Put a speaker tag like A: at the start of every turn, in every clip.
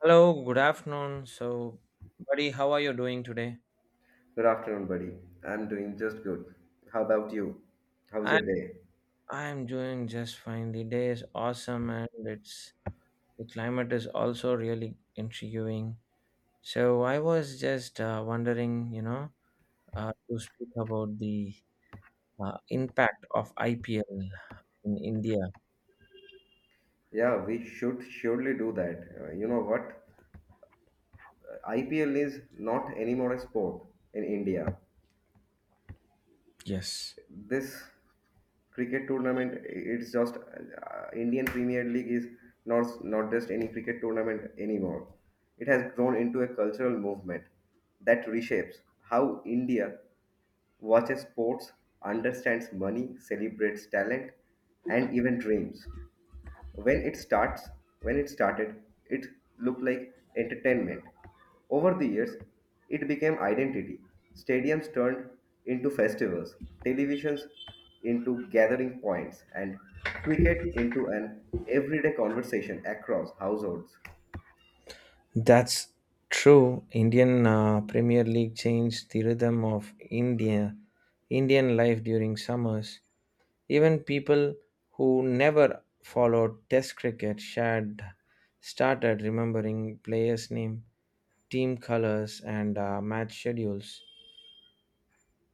A: Hello, good afternoon. So, buddy, how are you doing today?
B: Good afternoon, buddy. I'm doing just good. How about you? How's
A: I
B: your day?
A: I'm doing just fine. The day is awesome and it's the climate is also really intriguing. So, I was just wondering, to speak about the impact of IPL in India.
B: Yeah, we should surely do that. You know what? IPL is not anymore a sport in India.
A: Yes,
B: This cricket tournament it's just indian premier league is not just any cricket tournament anymore. It has grown into a cultural movement that reshapes how india watches sports, understands money, celebrates talent, and even dreams. When it starts when it started it looked like entertainment. Over the years it became identity. Stadiums turned into festivals, televisions into gathering points, and cricket into an everyday conversation across households.
A: that's true. Indian Premier League changed the rhythm of India, Indian life during summers. Even people who never followed Test cricket shared started remembering players' name, team colors, and match schedules.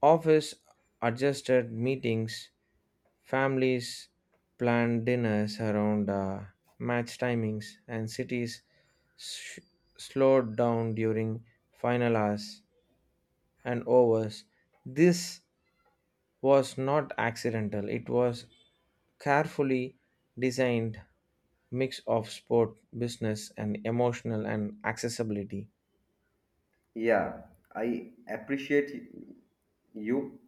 A: Office adjusted meetings, families planned dinners around match timings, and cities sh- slowed down during final hours and overs. This was not accidental, it was carefully designed mix of sport, business, and emotional and accessibility.
B: Yeah, I appreciate you.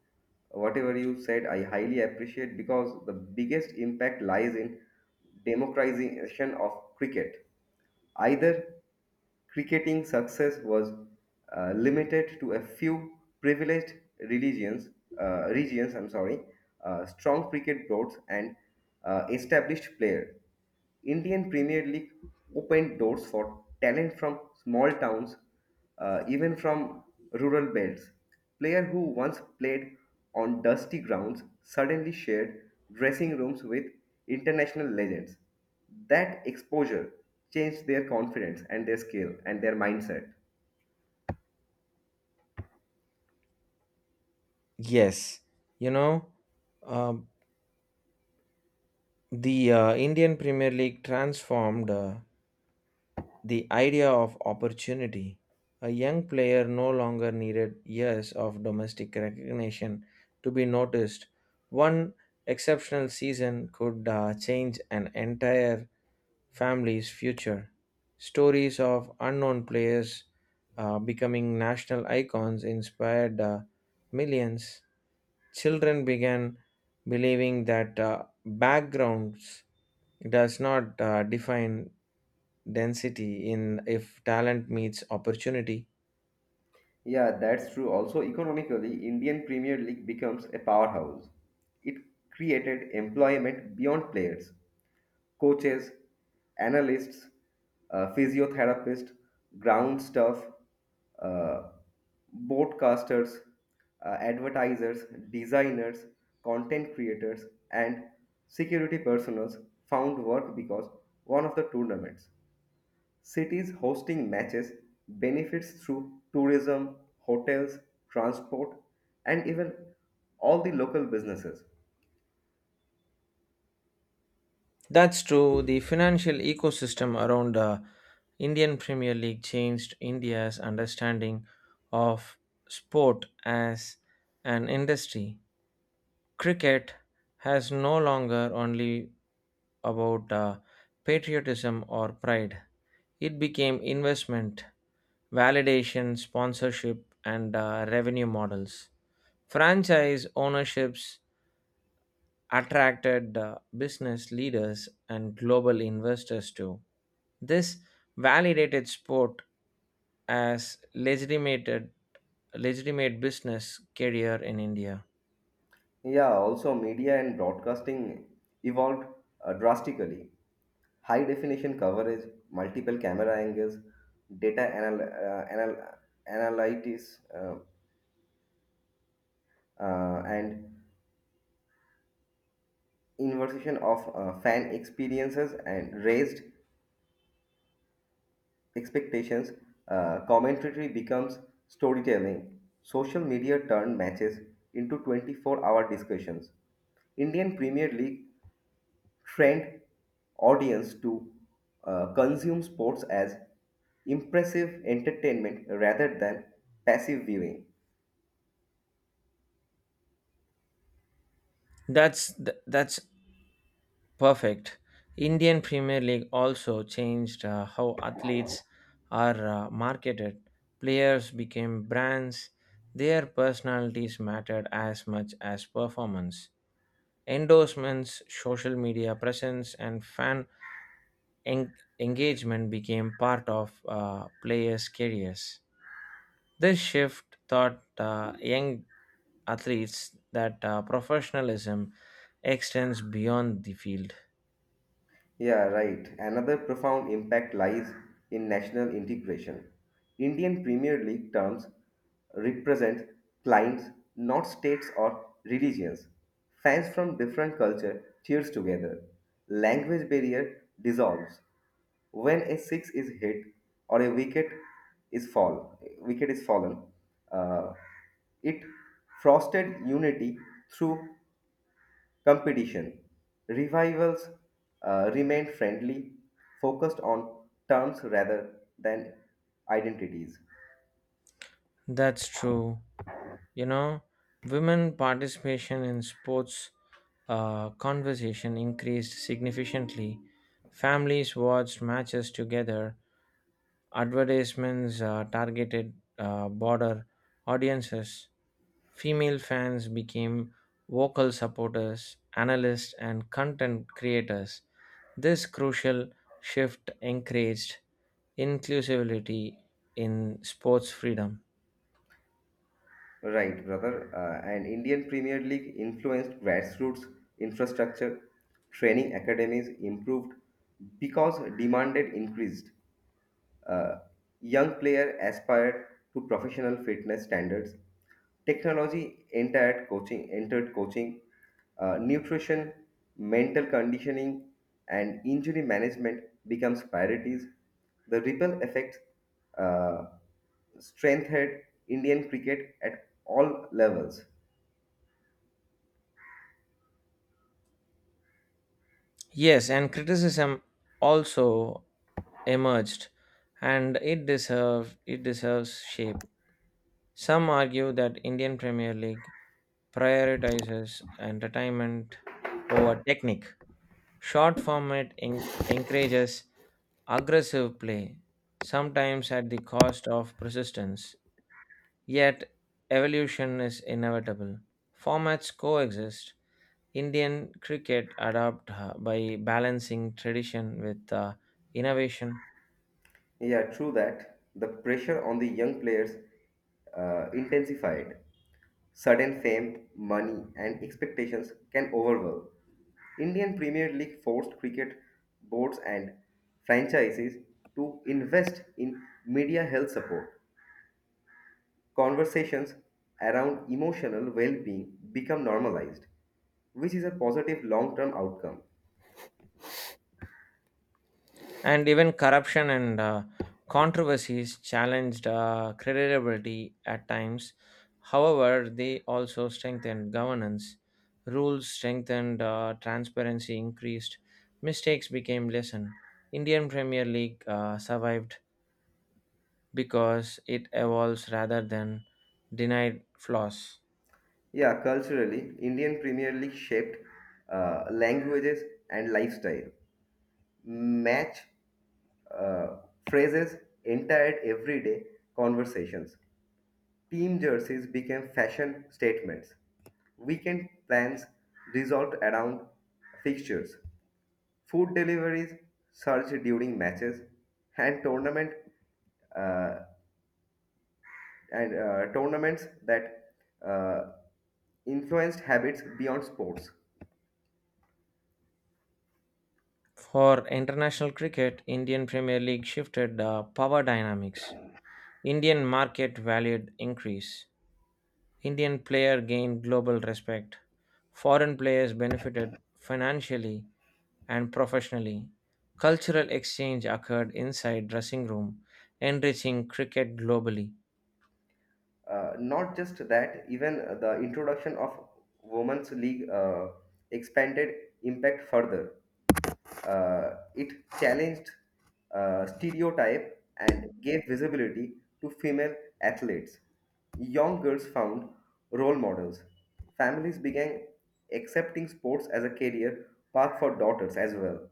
B: Whatever you said, I highly appreciate, because the biggest impact lies in democratization of cricket. Either cricketing success was limited to a few privileged religions, regions, I'm sorry, strong cricket boards, and established players. Indian Premier League opened doors for talent from small towns, even from rural belts. Player who once played on dusty grounds suddenly shared dressing rooms with international legends. That exposure changed their confidence and their skill and their mindset.
A: Yes, you know, um, the Indian Premier League transformed the idea of opportunity. A young player no longer needed years of domestic recognition to be noticed. One exceptional season could change an entire families' future, stories of unknown players becoming national icons inspired millions. Children began believing that backgrounds does not define density in if talent meets opportunity.
B: Yeah, that's true. Also, economically, Indian Premier League becomes a powerhouse. It created employment beyond players. Coaches, analysts, physiotherapists, ground staff, uh, broadcasters, advertisers, designers, content creators, and security personnel found work because one of the tournaments. Cities hosting matches benefits through tourism, hotels, transport, and even all the local businesses.
A: That's true. The financial ecosystem around the Indian Premier League changed India's understanding of sport as an industry. Cricket has no longer only about patriotism or pride. It became investment, validation, sponsorship, and revenue models. Franchise ownerships attracted business leaders and global investors too. This validated sport as legitimate business career in India.
B: Yeah, also media and broadcasting evolved drastically. High definition coverage, multiple camera angles, data anal- uh, anal- analytics, and inversion of fan experiences and raised expectations. Commentary becomes storytelling. Social media turned matches into 24-hour hour discussions. Indian Premier League trained audience to consume sports as impressive entertainment rather than passive viewing.
A: That's perfect. Indian Premier League also changed how athletes are marketed. Players became brands. Their personalities mattered as much as performance. Endorsements, social media presence, and fan en- engagement became part of players' careers. This shift taught young athletes that professionalism extends beyond the field.
B: Yeah, right. Another profound impact lies in national integration. Indian Premier League terms represent clients, not states or religions. Fans from different culture cheers together. Language barrier dissolves. When a six is hit or a wicket is fall, wicket is fallen, uh, it frosted unity through competition. Revivals remained friendly, focused on terms rather than identities.
A: That's true. You know, women participation in sports conversation increased significantly. Families watched matches together. Advertisements targeted broader audiences. Female fans became vocal supporters, analysts, and content creators. This crucial shift encouraged inclusivity in sports freedom.
B: Right, brother. And Indian Premier League influenced grassroots infrastructure, training academies improved because demanded increased. Uh, Young player aspired to professional fitness standards. Entered coaching, nutrition, mental conditioning, and injury management becomes priorities. The ripple effect uh, strengthened Indian cricket at all levels.
A: Yes, and criticism also emerged, and it deserves shape. Some argue that Indian Premier League prioritizes entertainment over technique. Short format encourages aggressive play, sometimes at the cost of persistence. Yet evolution is inevitable. Formats coexist, Indian cricket adapted by balancing tradition with innovation.
B: Yeah, true that. The pressure on the young players intensified. Sudden fame, money, and expectations can overwhelm. Indian Premier League forced cricket boards and franchises to invest in media health support. Conversations around emotional well being become normalized, which is a positive long term outcome.
A: And even corruption and controversies challenged credibility at times. However, they also strengthened governance. Rules strengthened, transparency increased. Mistakes became lesson. Indian Premier League survived because it evolves rather than denied flaws.
B: Yeah, culturally, Indian Premier League shaped languages and lifestyle. Match uh, phrases entered everyday conversations. Team jerseys became fashion statements. Weekend plans resolved around fixtures. Food deliveries surged during matches, and uh, tournaments that uh, influenced habits beyond sports.
A: For international cricket, Indian Premier League shifted the power dynamics. Indian market valued increase. Indian player gained global respect. Foreign players benefited financially and professionally. Cultural exchange occurred inside dressing room, enriching cricket globally.
B: Not just that, even the introduction of Women's League expanded impact further. It challenged stereotype and gave visibility to female athletes. Young girls found role models. Families began accepting sports as a career path for daughters as well.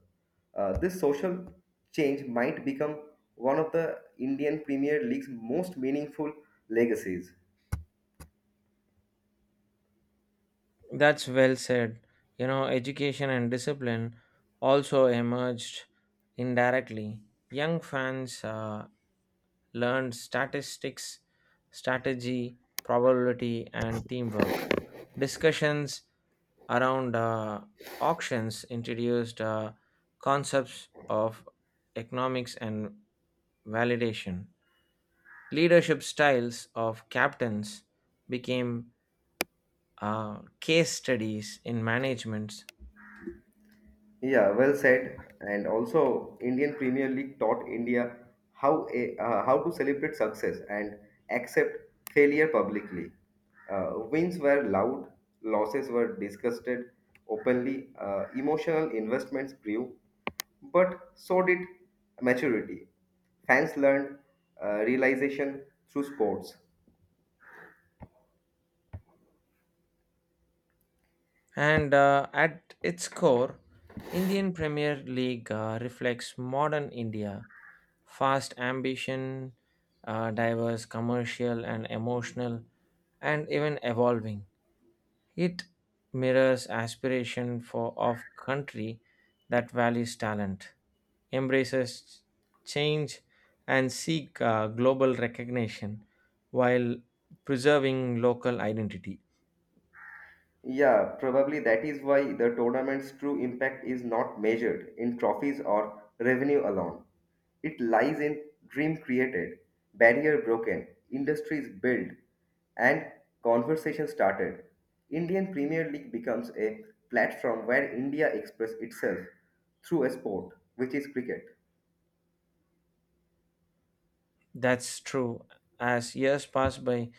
B: This social change might become one of the Indian Premier League's most meaningful legacies.
A: That's well said. You know, education and discipline also emerged indirectly. Young fans learned statistics, strategy, probability, and teamwork. Discussions around auctions introduced concepts of economics and validation. Leadership styles of captains became case studies in management.
B: Yeah, well said. And also, Indian Premier League taught India how to celebrate success and accept failure publicly. Wins were loud, losses were discussed openly, emotional investments grew, but so did maturity. Fans learned realization through sports.
A: And at its core, Indian Premier League reflects modern India, fast ambition, diverse, commercial and emotional, and even evolving. It mirrors aspiration for of country that values talent, embraces change, and seek global recognition while preserving local identity.
B: Yeah, probably that is why the tournament's true impact is not measured in trophies or revenue alone. It lies in dream created, barrier broken, industries built, and conversation started. Indian Premier League becomes a platform where India expresses itself through a sport, which is cricket.
A: That's true. As years pass by,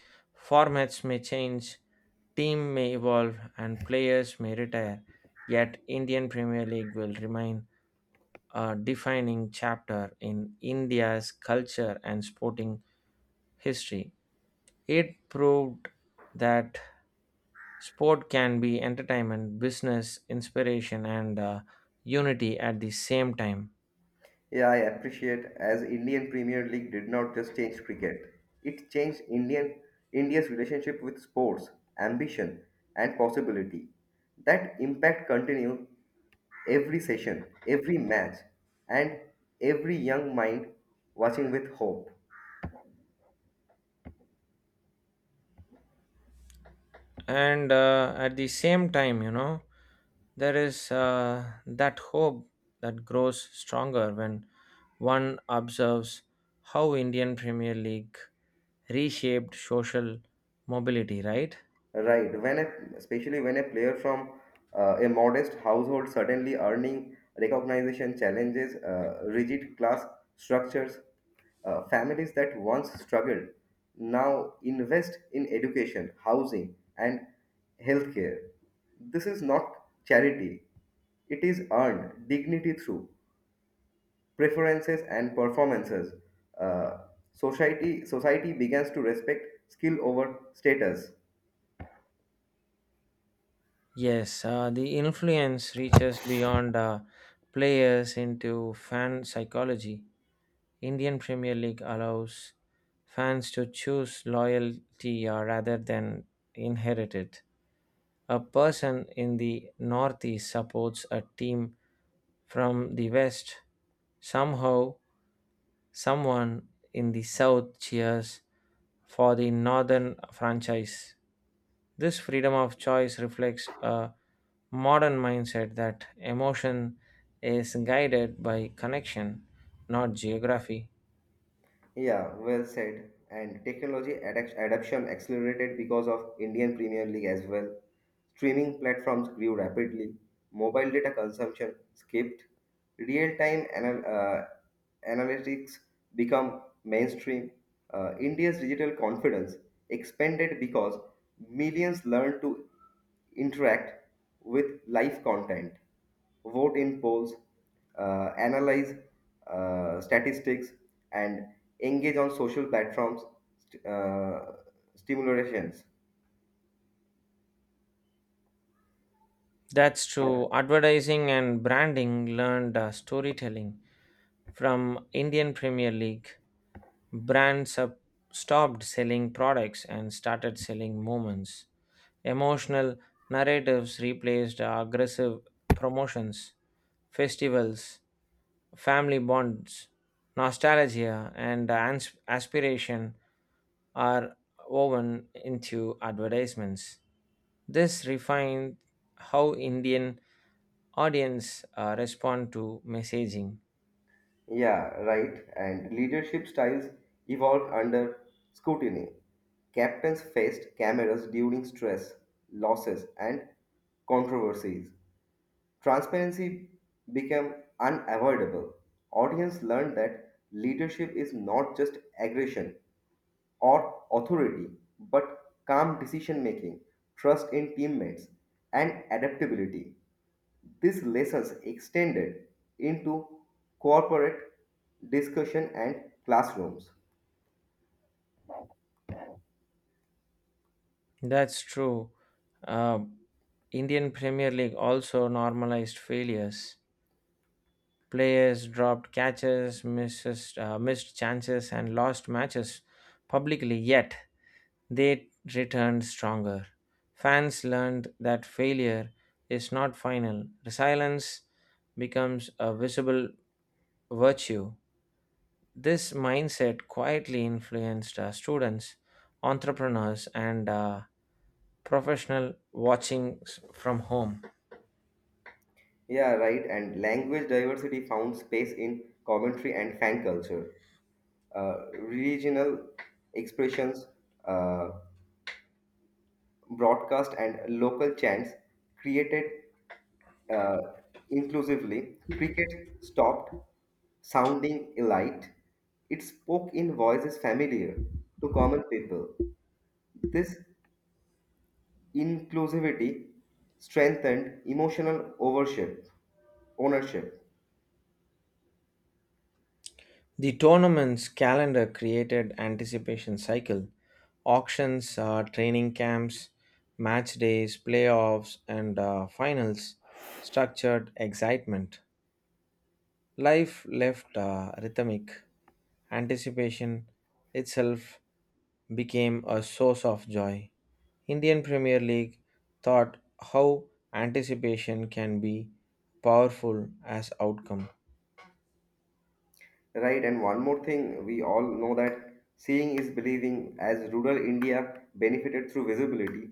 A: formats may change, team may evolve, and players may retire. Yet, Indian Premier League will remain a defining chapter in India's culture and sporting history. It proved that sport can be entertainment, business, inspiration, and unity at the same time.
B: Yeah, I appreciate as Indian Premier League did not just change cricket. It changed Indian India's relationship with sports, ambition, and possibility. That impact continued every session, every match, and every young mind watching with hope.
A: And at the same time, you know, there is that hope that grows stronger when one observes how Indian Premier League reshaped social mobility, right?
B: Right. Especially when a player from a modest household suddenly earning recognition challenges rigid class structures, families that once struggled now invest in education, housing, and healthcare. This is not charity. It is earned dignity through preferences and performances. Uh, society begins to respect skill over status.
A: Yes, the influence reaches beyond players into fan psychology. Indian Premier League allows fans to choose loyalty rather than inherit it. A person in the Northeast supports a team from the West. Somehow, someone in the South cheers for the Northern franchise. This freedom of choice reflects a modern mindset that emotion is guided by connection, not geography.
B: Yeah, well said. And adoption accelerated because of Indian Premier League as well. Streaming platforms grew rapidly. Mobile data consumption skipped. Real-time analytics become mainstream. India's digital confidence expanded because millions learned to interact with live content vote in polls, analyze statistics, and engage on social platforms, st- uh, stimulations.
A: That's
B: Right.
A: true. Advertising and branding learned storytelling from Indian Premier League. Brands up stopped selling products and started selling moments. Emotional narratives replaced aggressive promotions. Festivals, family bonds, nostalgia, and aspiration are woven into advertisements. This refined how Indian audience respond to messaging.
B: Yeah, right. And leadership styles evolved under scrutiny. Captains faced cameras during stress, losses, and controversies. Transparency became unavoidable. Audience learned that leadership is not just aggression, or authority, but calm decision making, trust in teammates, and adaptability. These lessons extended into corporate discussion and classrooms.
A: That's true. Uh, Indian Premier League also normalized failures. Players dropped catches, missed chances, and lost matches publicly, yet they returned stronger. Fans learned that failure is not final. Resilience becomes a visible virtue. This mindset quietly influenced students, entrepreneurs, and professional watching from home.
B: Yeah, right. And language diversity found space in commentary and fan culture. Regional expressions, uh, broadcast, and local chants created uh, inclusively, cricket stopped sounding elite. It spoke in voices familiar to common people. This inclusivity strengthened emotional overship, ownership.
A: The tournament's calendar created anticipation cycle, auctions, training camps, match days, playoffs, and finals structured excitement. Life left rhythmic. Anticipation itself became a source of joy. Indian Premier League thought how anticipation can be powerful as outcome.
B: Right, and one more thing, we all know that seeing is believing, as rural India benefited through visibility.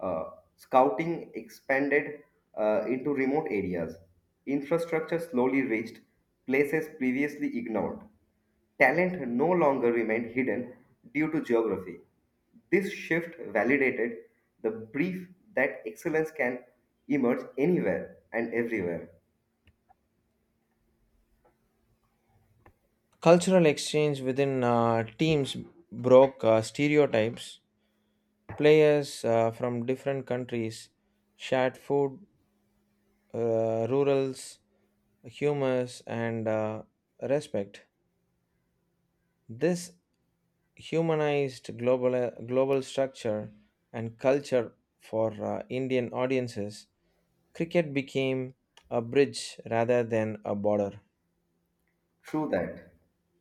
B: Uh, Scouting expanded into remote areas. Infrastructure slowly reached places previously ignored. Talent no longer remained hidden due to geography. This shift validated the belief that excellence can emerge anywhere and everywhere.
A: Cultural exchange within teams broke stereotypes. Players from different countries shared food, rurals, humors, and respect. This humanized global structure and culture for Indian audiences, cricket became a bridge rather than a border.
B: True that.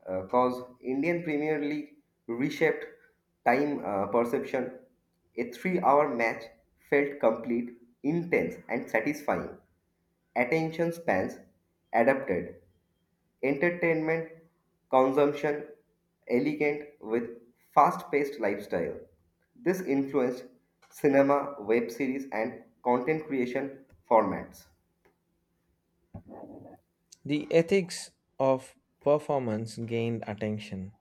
B: Because Indian Premier League reshaped time perception. A 3-hour match felt complete, intense, and satisfying. Attention spans adapted. Entertainment consumption elegant with fast paced lifestyle. This influenced cinema, web series, and content creation formats.
A: The ethics of performance gained attention.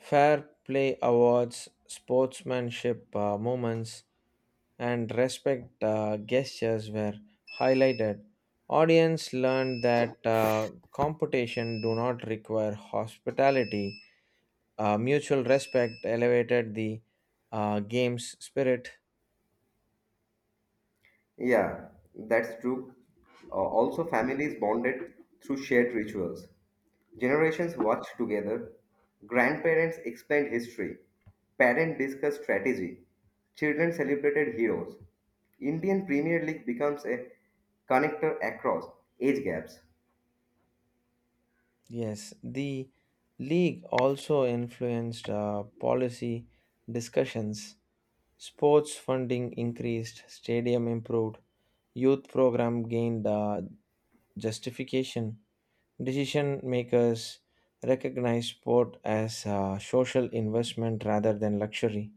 A: Fair play awards, sportsmanship moments, and respect gestures were highlighted. Audience learned that competition do not require hospitality, mutual respect elevated the game's spirit.
B: Yeah, that's true. Also, families bonded through shared rituals. Generations watch together. Grandparents explained history. Parents discussed strategy. Children celebrated heroes. Indian Premier League becomes a connector across age gaps.
A: Yes, the league also influenced policy discussions. Sports funding increased, stadium improved, youth program gained justification. Decision makers recognized sport as a social investment rather than luxury.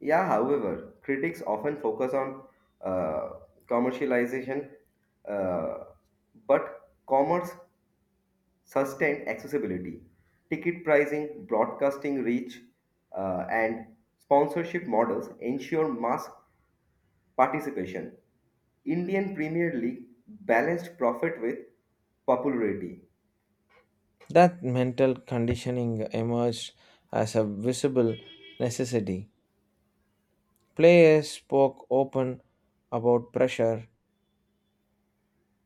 B: Yeah, however, critics often focus on uh, commercialization, uh, but commerce sustained accessibility, ticket pricing, broadcasting reach, and sponsorship models ensure mass participation. Indian Premier League balanced profit with popularity.
A: That mental conditioning emerged as a visible necessity. Players spoke open about pressure.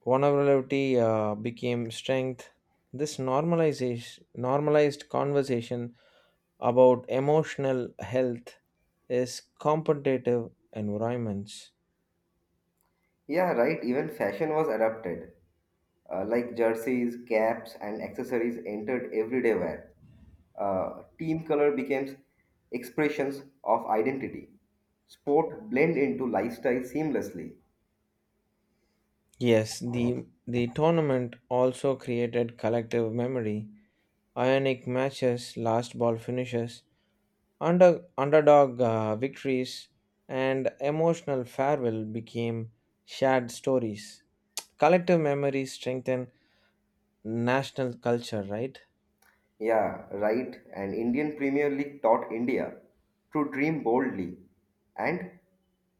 A: Vulnerability became strength. Normalized conversation about emotional health is competitive environments.
B: Yeah, right. Even fashion was adapted. Like jerseys, caps, and accessories entered everyday wear. Team color becomes expressions of identity. Sport blend into lifestyle seamlessly.
A: Yes, the tournament also created collective memory. Ionic matches, last ball finishes, underdog victories and emotional farewell became shared stories. Collective memories strengthen national culture, right?
B: Yeah, right. And Indian Premier League taught India to dream boldly and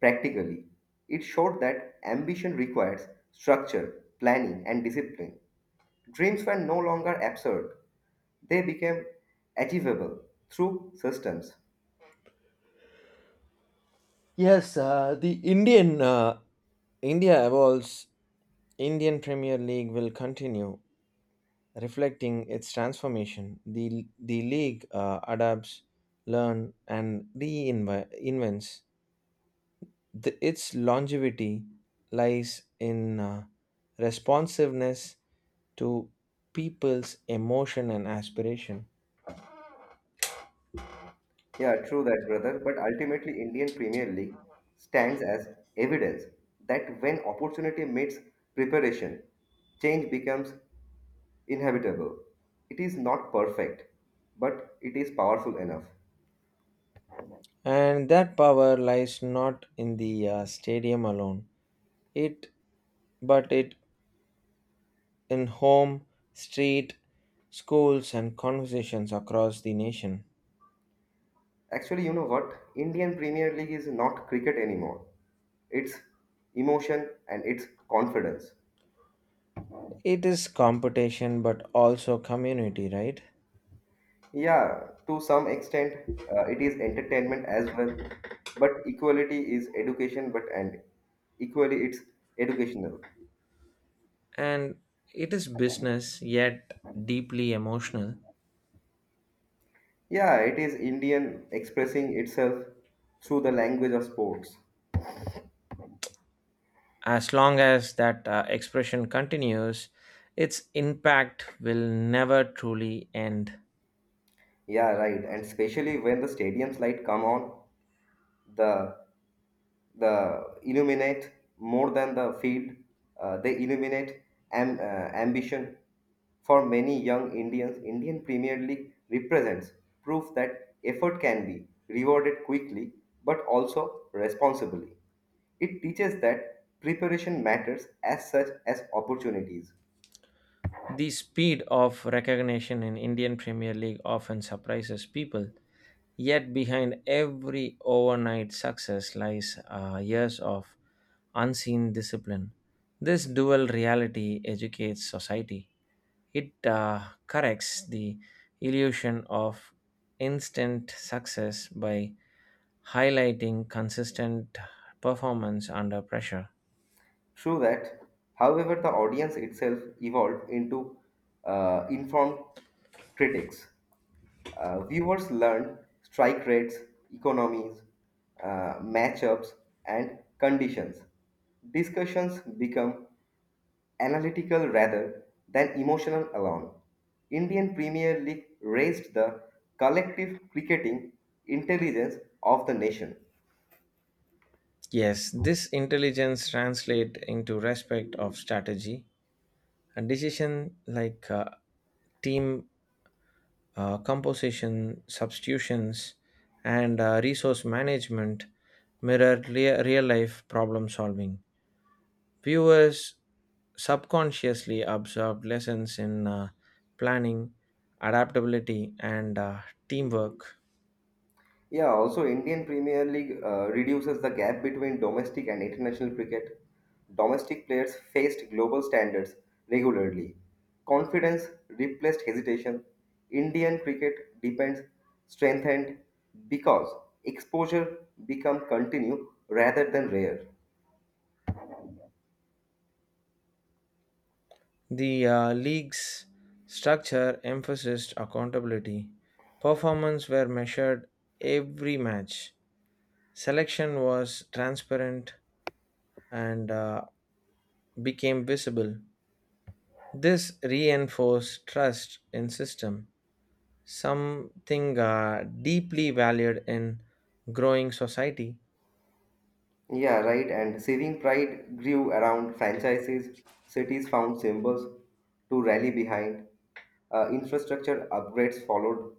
B: practically. It showed that ambition requires structure, planning, and discipline. Dreams were no longer absurd, they became achievable through systems.
A: Yes, the Indian India evolves. Indian Premier League will continue reflecting its transformation. The league adapts, learn, and reinvents. The, its longevity lies in responsiveness to people's emotion and aspiration.
B: Yeah, true that, brother. But ultimately, Indian Premier League stands as evidence that when opportunity meets preparation, change becomes inhabitable. It is not perfect, but it is powerful enough.
A: And that power lies not in the stadium alone, it but it in home, street, schools, and conversations across the nation.
B: Actually, you know what? Indian Premier League is not cricket anymore. It's emotion and it's confidence.
A: It is competition, but also community, right?
B: Yeah, to some extent, it is entertainment as well, but equality is education, but and equally it's educational.
A: And it is business, yet deeply emotional.
B: Yeah, it is Indian expressing itself through the language of sports.
A: As long as that expression continues, its impact will never truly end.
B: Yeah, right. And especially when the stadium's light come on, the the illuminate more than the field they illuminate ambition for many young indians indian premier league represents proof that effort can be rewarded quickly, but also responsibly. It teaches that preparation matters as such as opportunities.
A: The speed of recognition in Indian Premier League often surprises people, yet behind every overnight success lies years of unseen discipline. This dual reality educates society. It corrects the illusion of instant success by highlighting consistent performance under pressure.
B: True that, however, the audience itself evolved into informed critics. Viewers learn strike rates, economies, matchups, and conditions. Discussions become analytical rather than emotional alone. Indian Premier League raised the collective cricketing intelligence of the nation.
A: Yes, this intelligence translate into respect of strategy and decision, like team composition, substitutions, and resource management mirror real life problem solving. Viewers subconsciously absorb lessons in planning, adaptability, and teamwork.
B: Yeah, also Indian Premier League reduces the gap between domestic and international cricket. Domestic players faced global standards regularly. Confidence replaced hesitation. Indian cricket depends strengthened because exposure become continue rather than rare.
A: The league's structure emphasized accountability. Performance were measured every match. Selection was transparent and became visible. This reinforced trust in system, something deeply valued in growing society.
B: Yeah, right. And saving pride grew around franchises. Cities found symbols to rally behind. Infrastructure upgrades followed.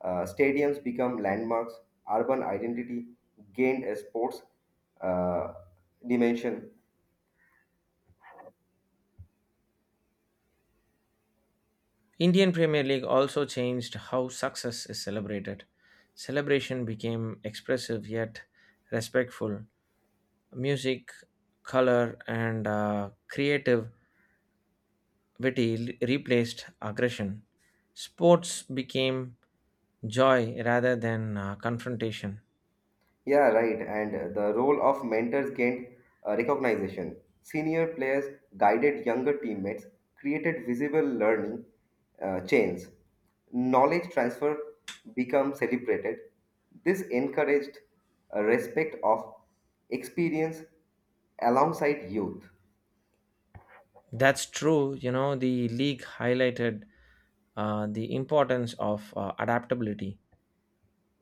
B: Stadiums become landmarks. Urban identity gained a sports uh, dimension.
A: Indian Premier League also changed how success is celebrated. Celebration became expressive yet respectful. Music, color, and creative witty replaced aggression. Sports became joy rather than confrontation.
B: Yeah, right. And the role of mentors gained recognition. Senior players guided younger teammates, created visible learning chains. Knowledge transfer became celebrated. This encouraged a respect of experience alongside youth.
A: That's true. You know, the league highlighted the importance of adaptability.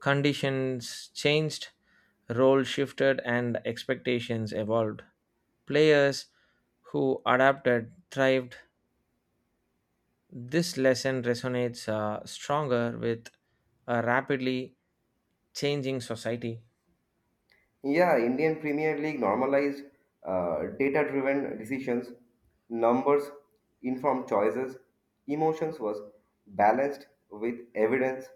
A: Conditions changed, role shifted, and expectations evolved. Players who adapted thrived. This lesson resonates stronger with a rapidly changing society.
B: Yeah, Indian Premier League normalized data-driven decisions, numbers, informed choices, emotions was balanced with evidence.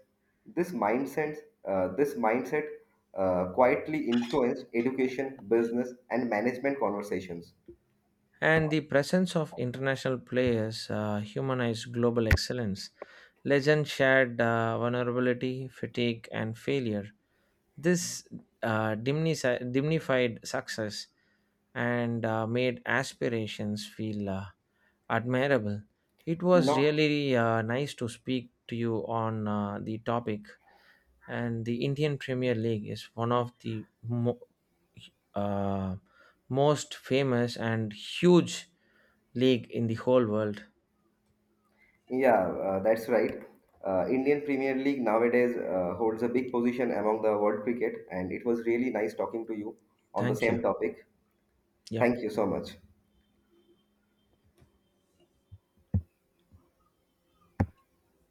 B: This mindset, this mindset quietly influenced education, business, and management conversations.
A: And the presence of international players humanized global excellence. Legend shared vulnerability, fatigue, and failure. This dignified success and made aspirations feel admirable. It was
B: Not,
A: really nice to speak to you on the topic. And the Indian Premier League is one of the uh, most famous and huge league in the whole world.
B: yeah, that's right. Indian Premier League nowadays holds a big position among the world cricket, and it was really nice talking to you on the
A: Thank
B: same
A: you.
B: topic.
A: Yeah.
B: Thank you so much.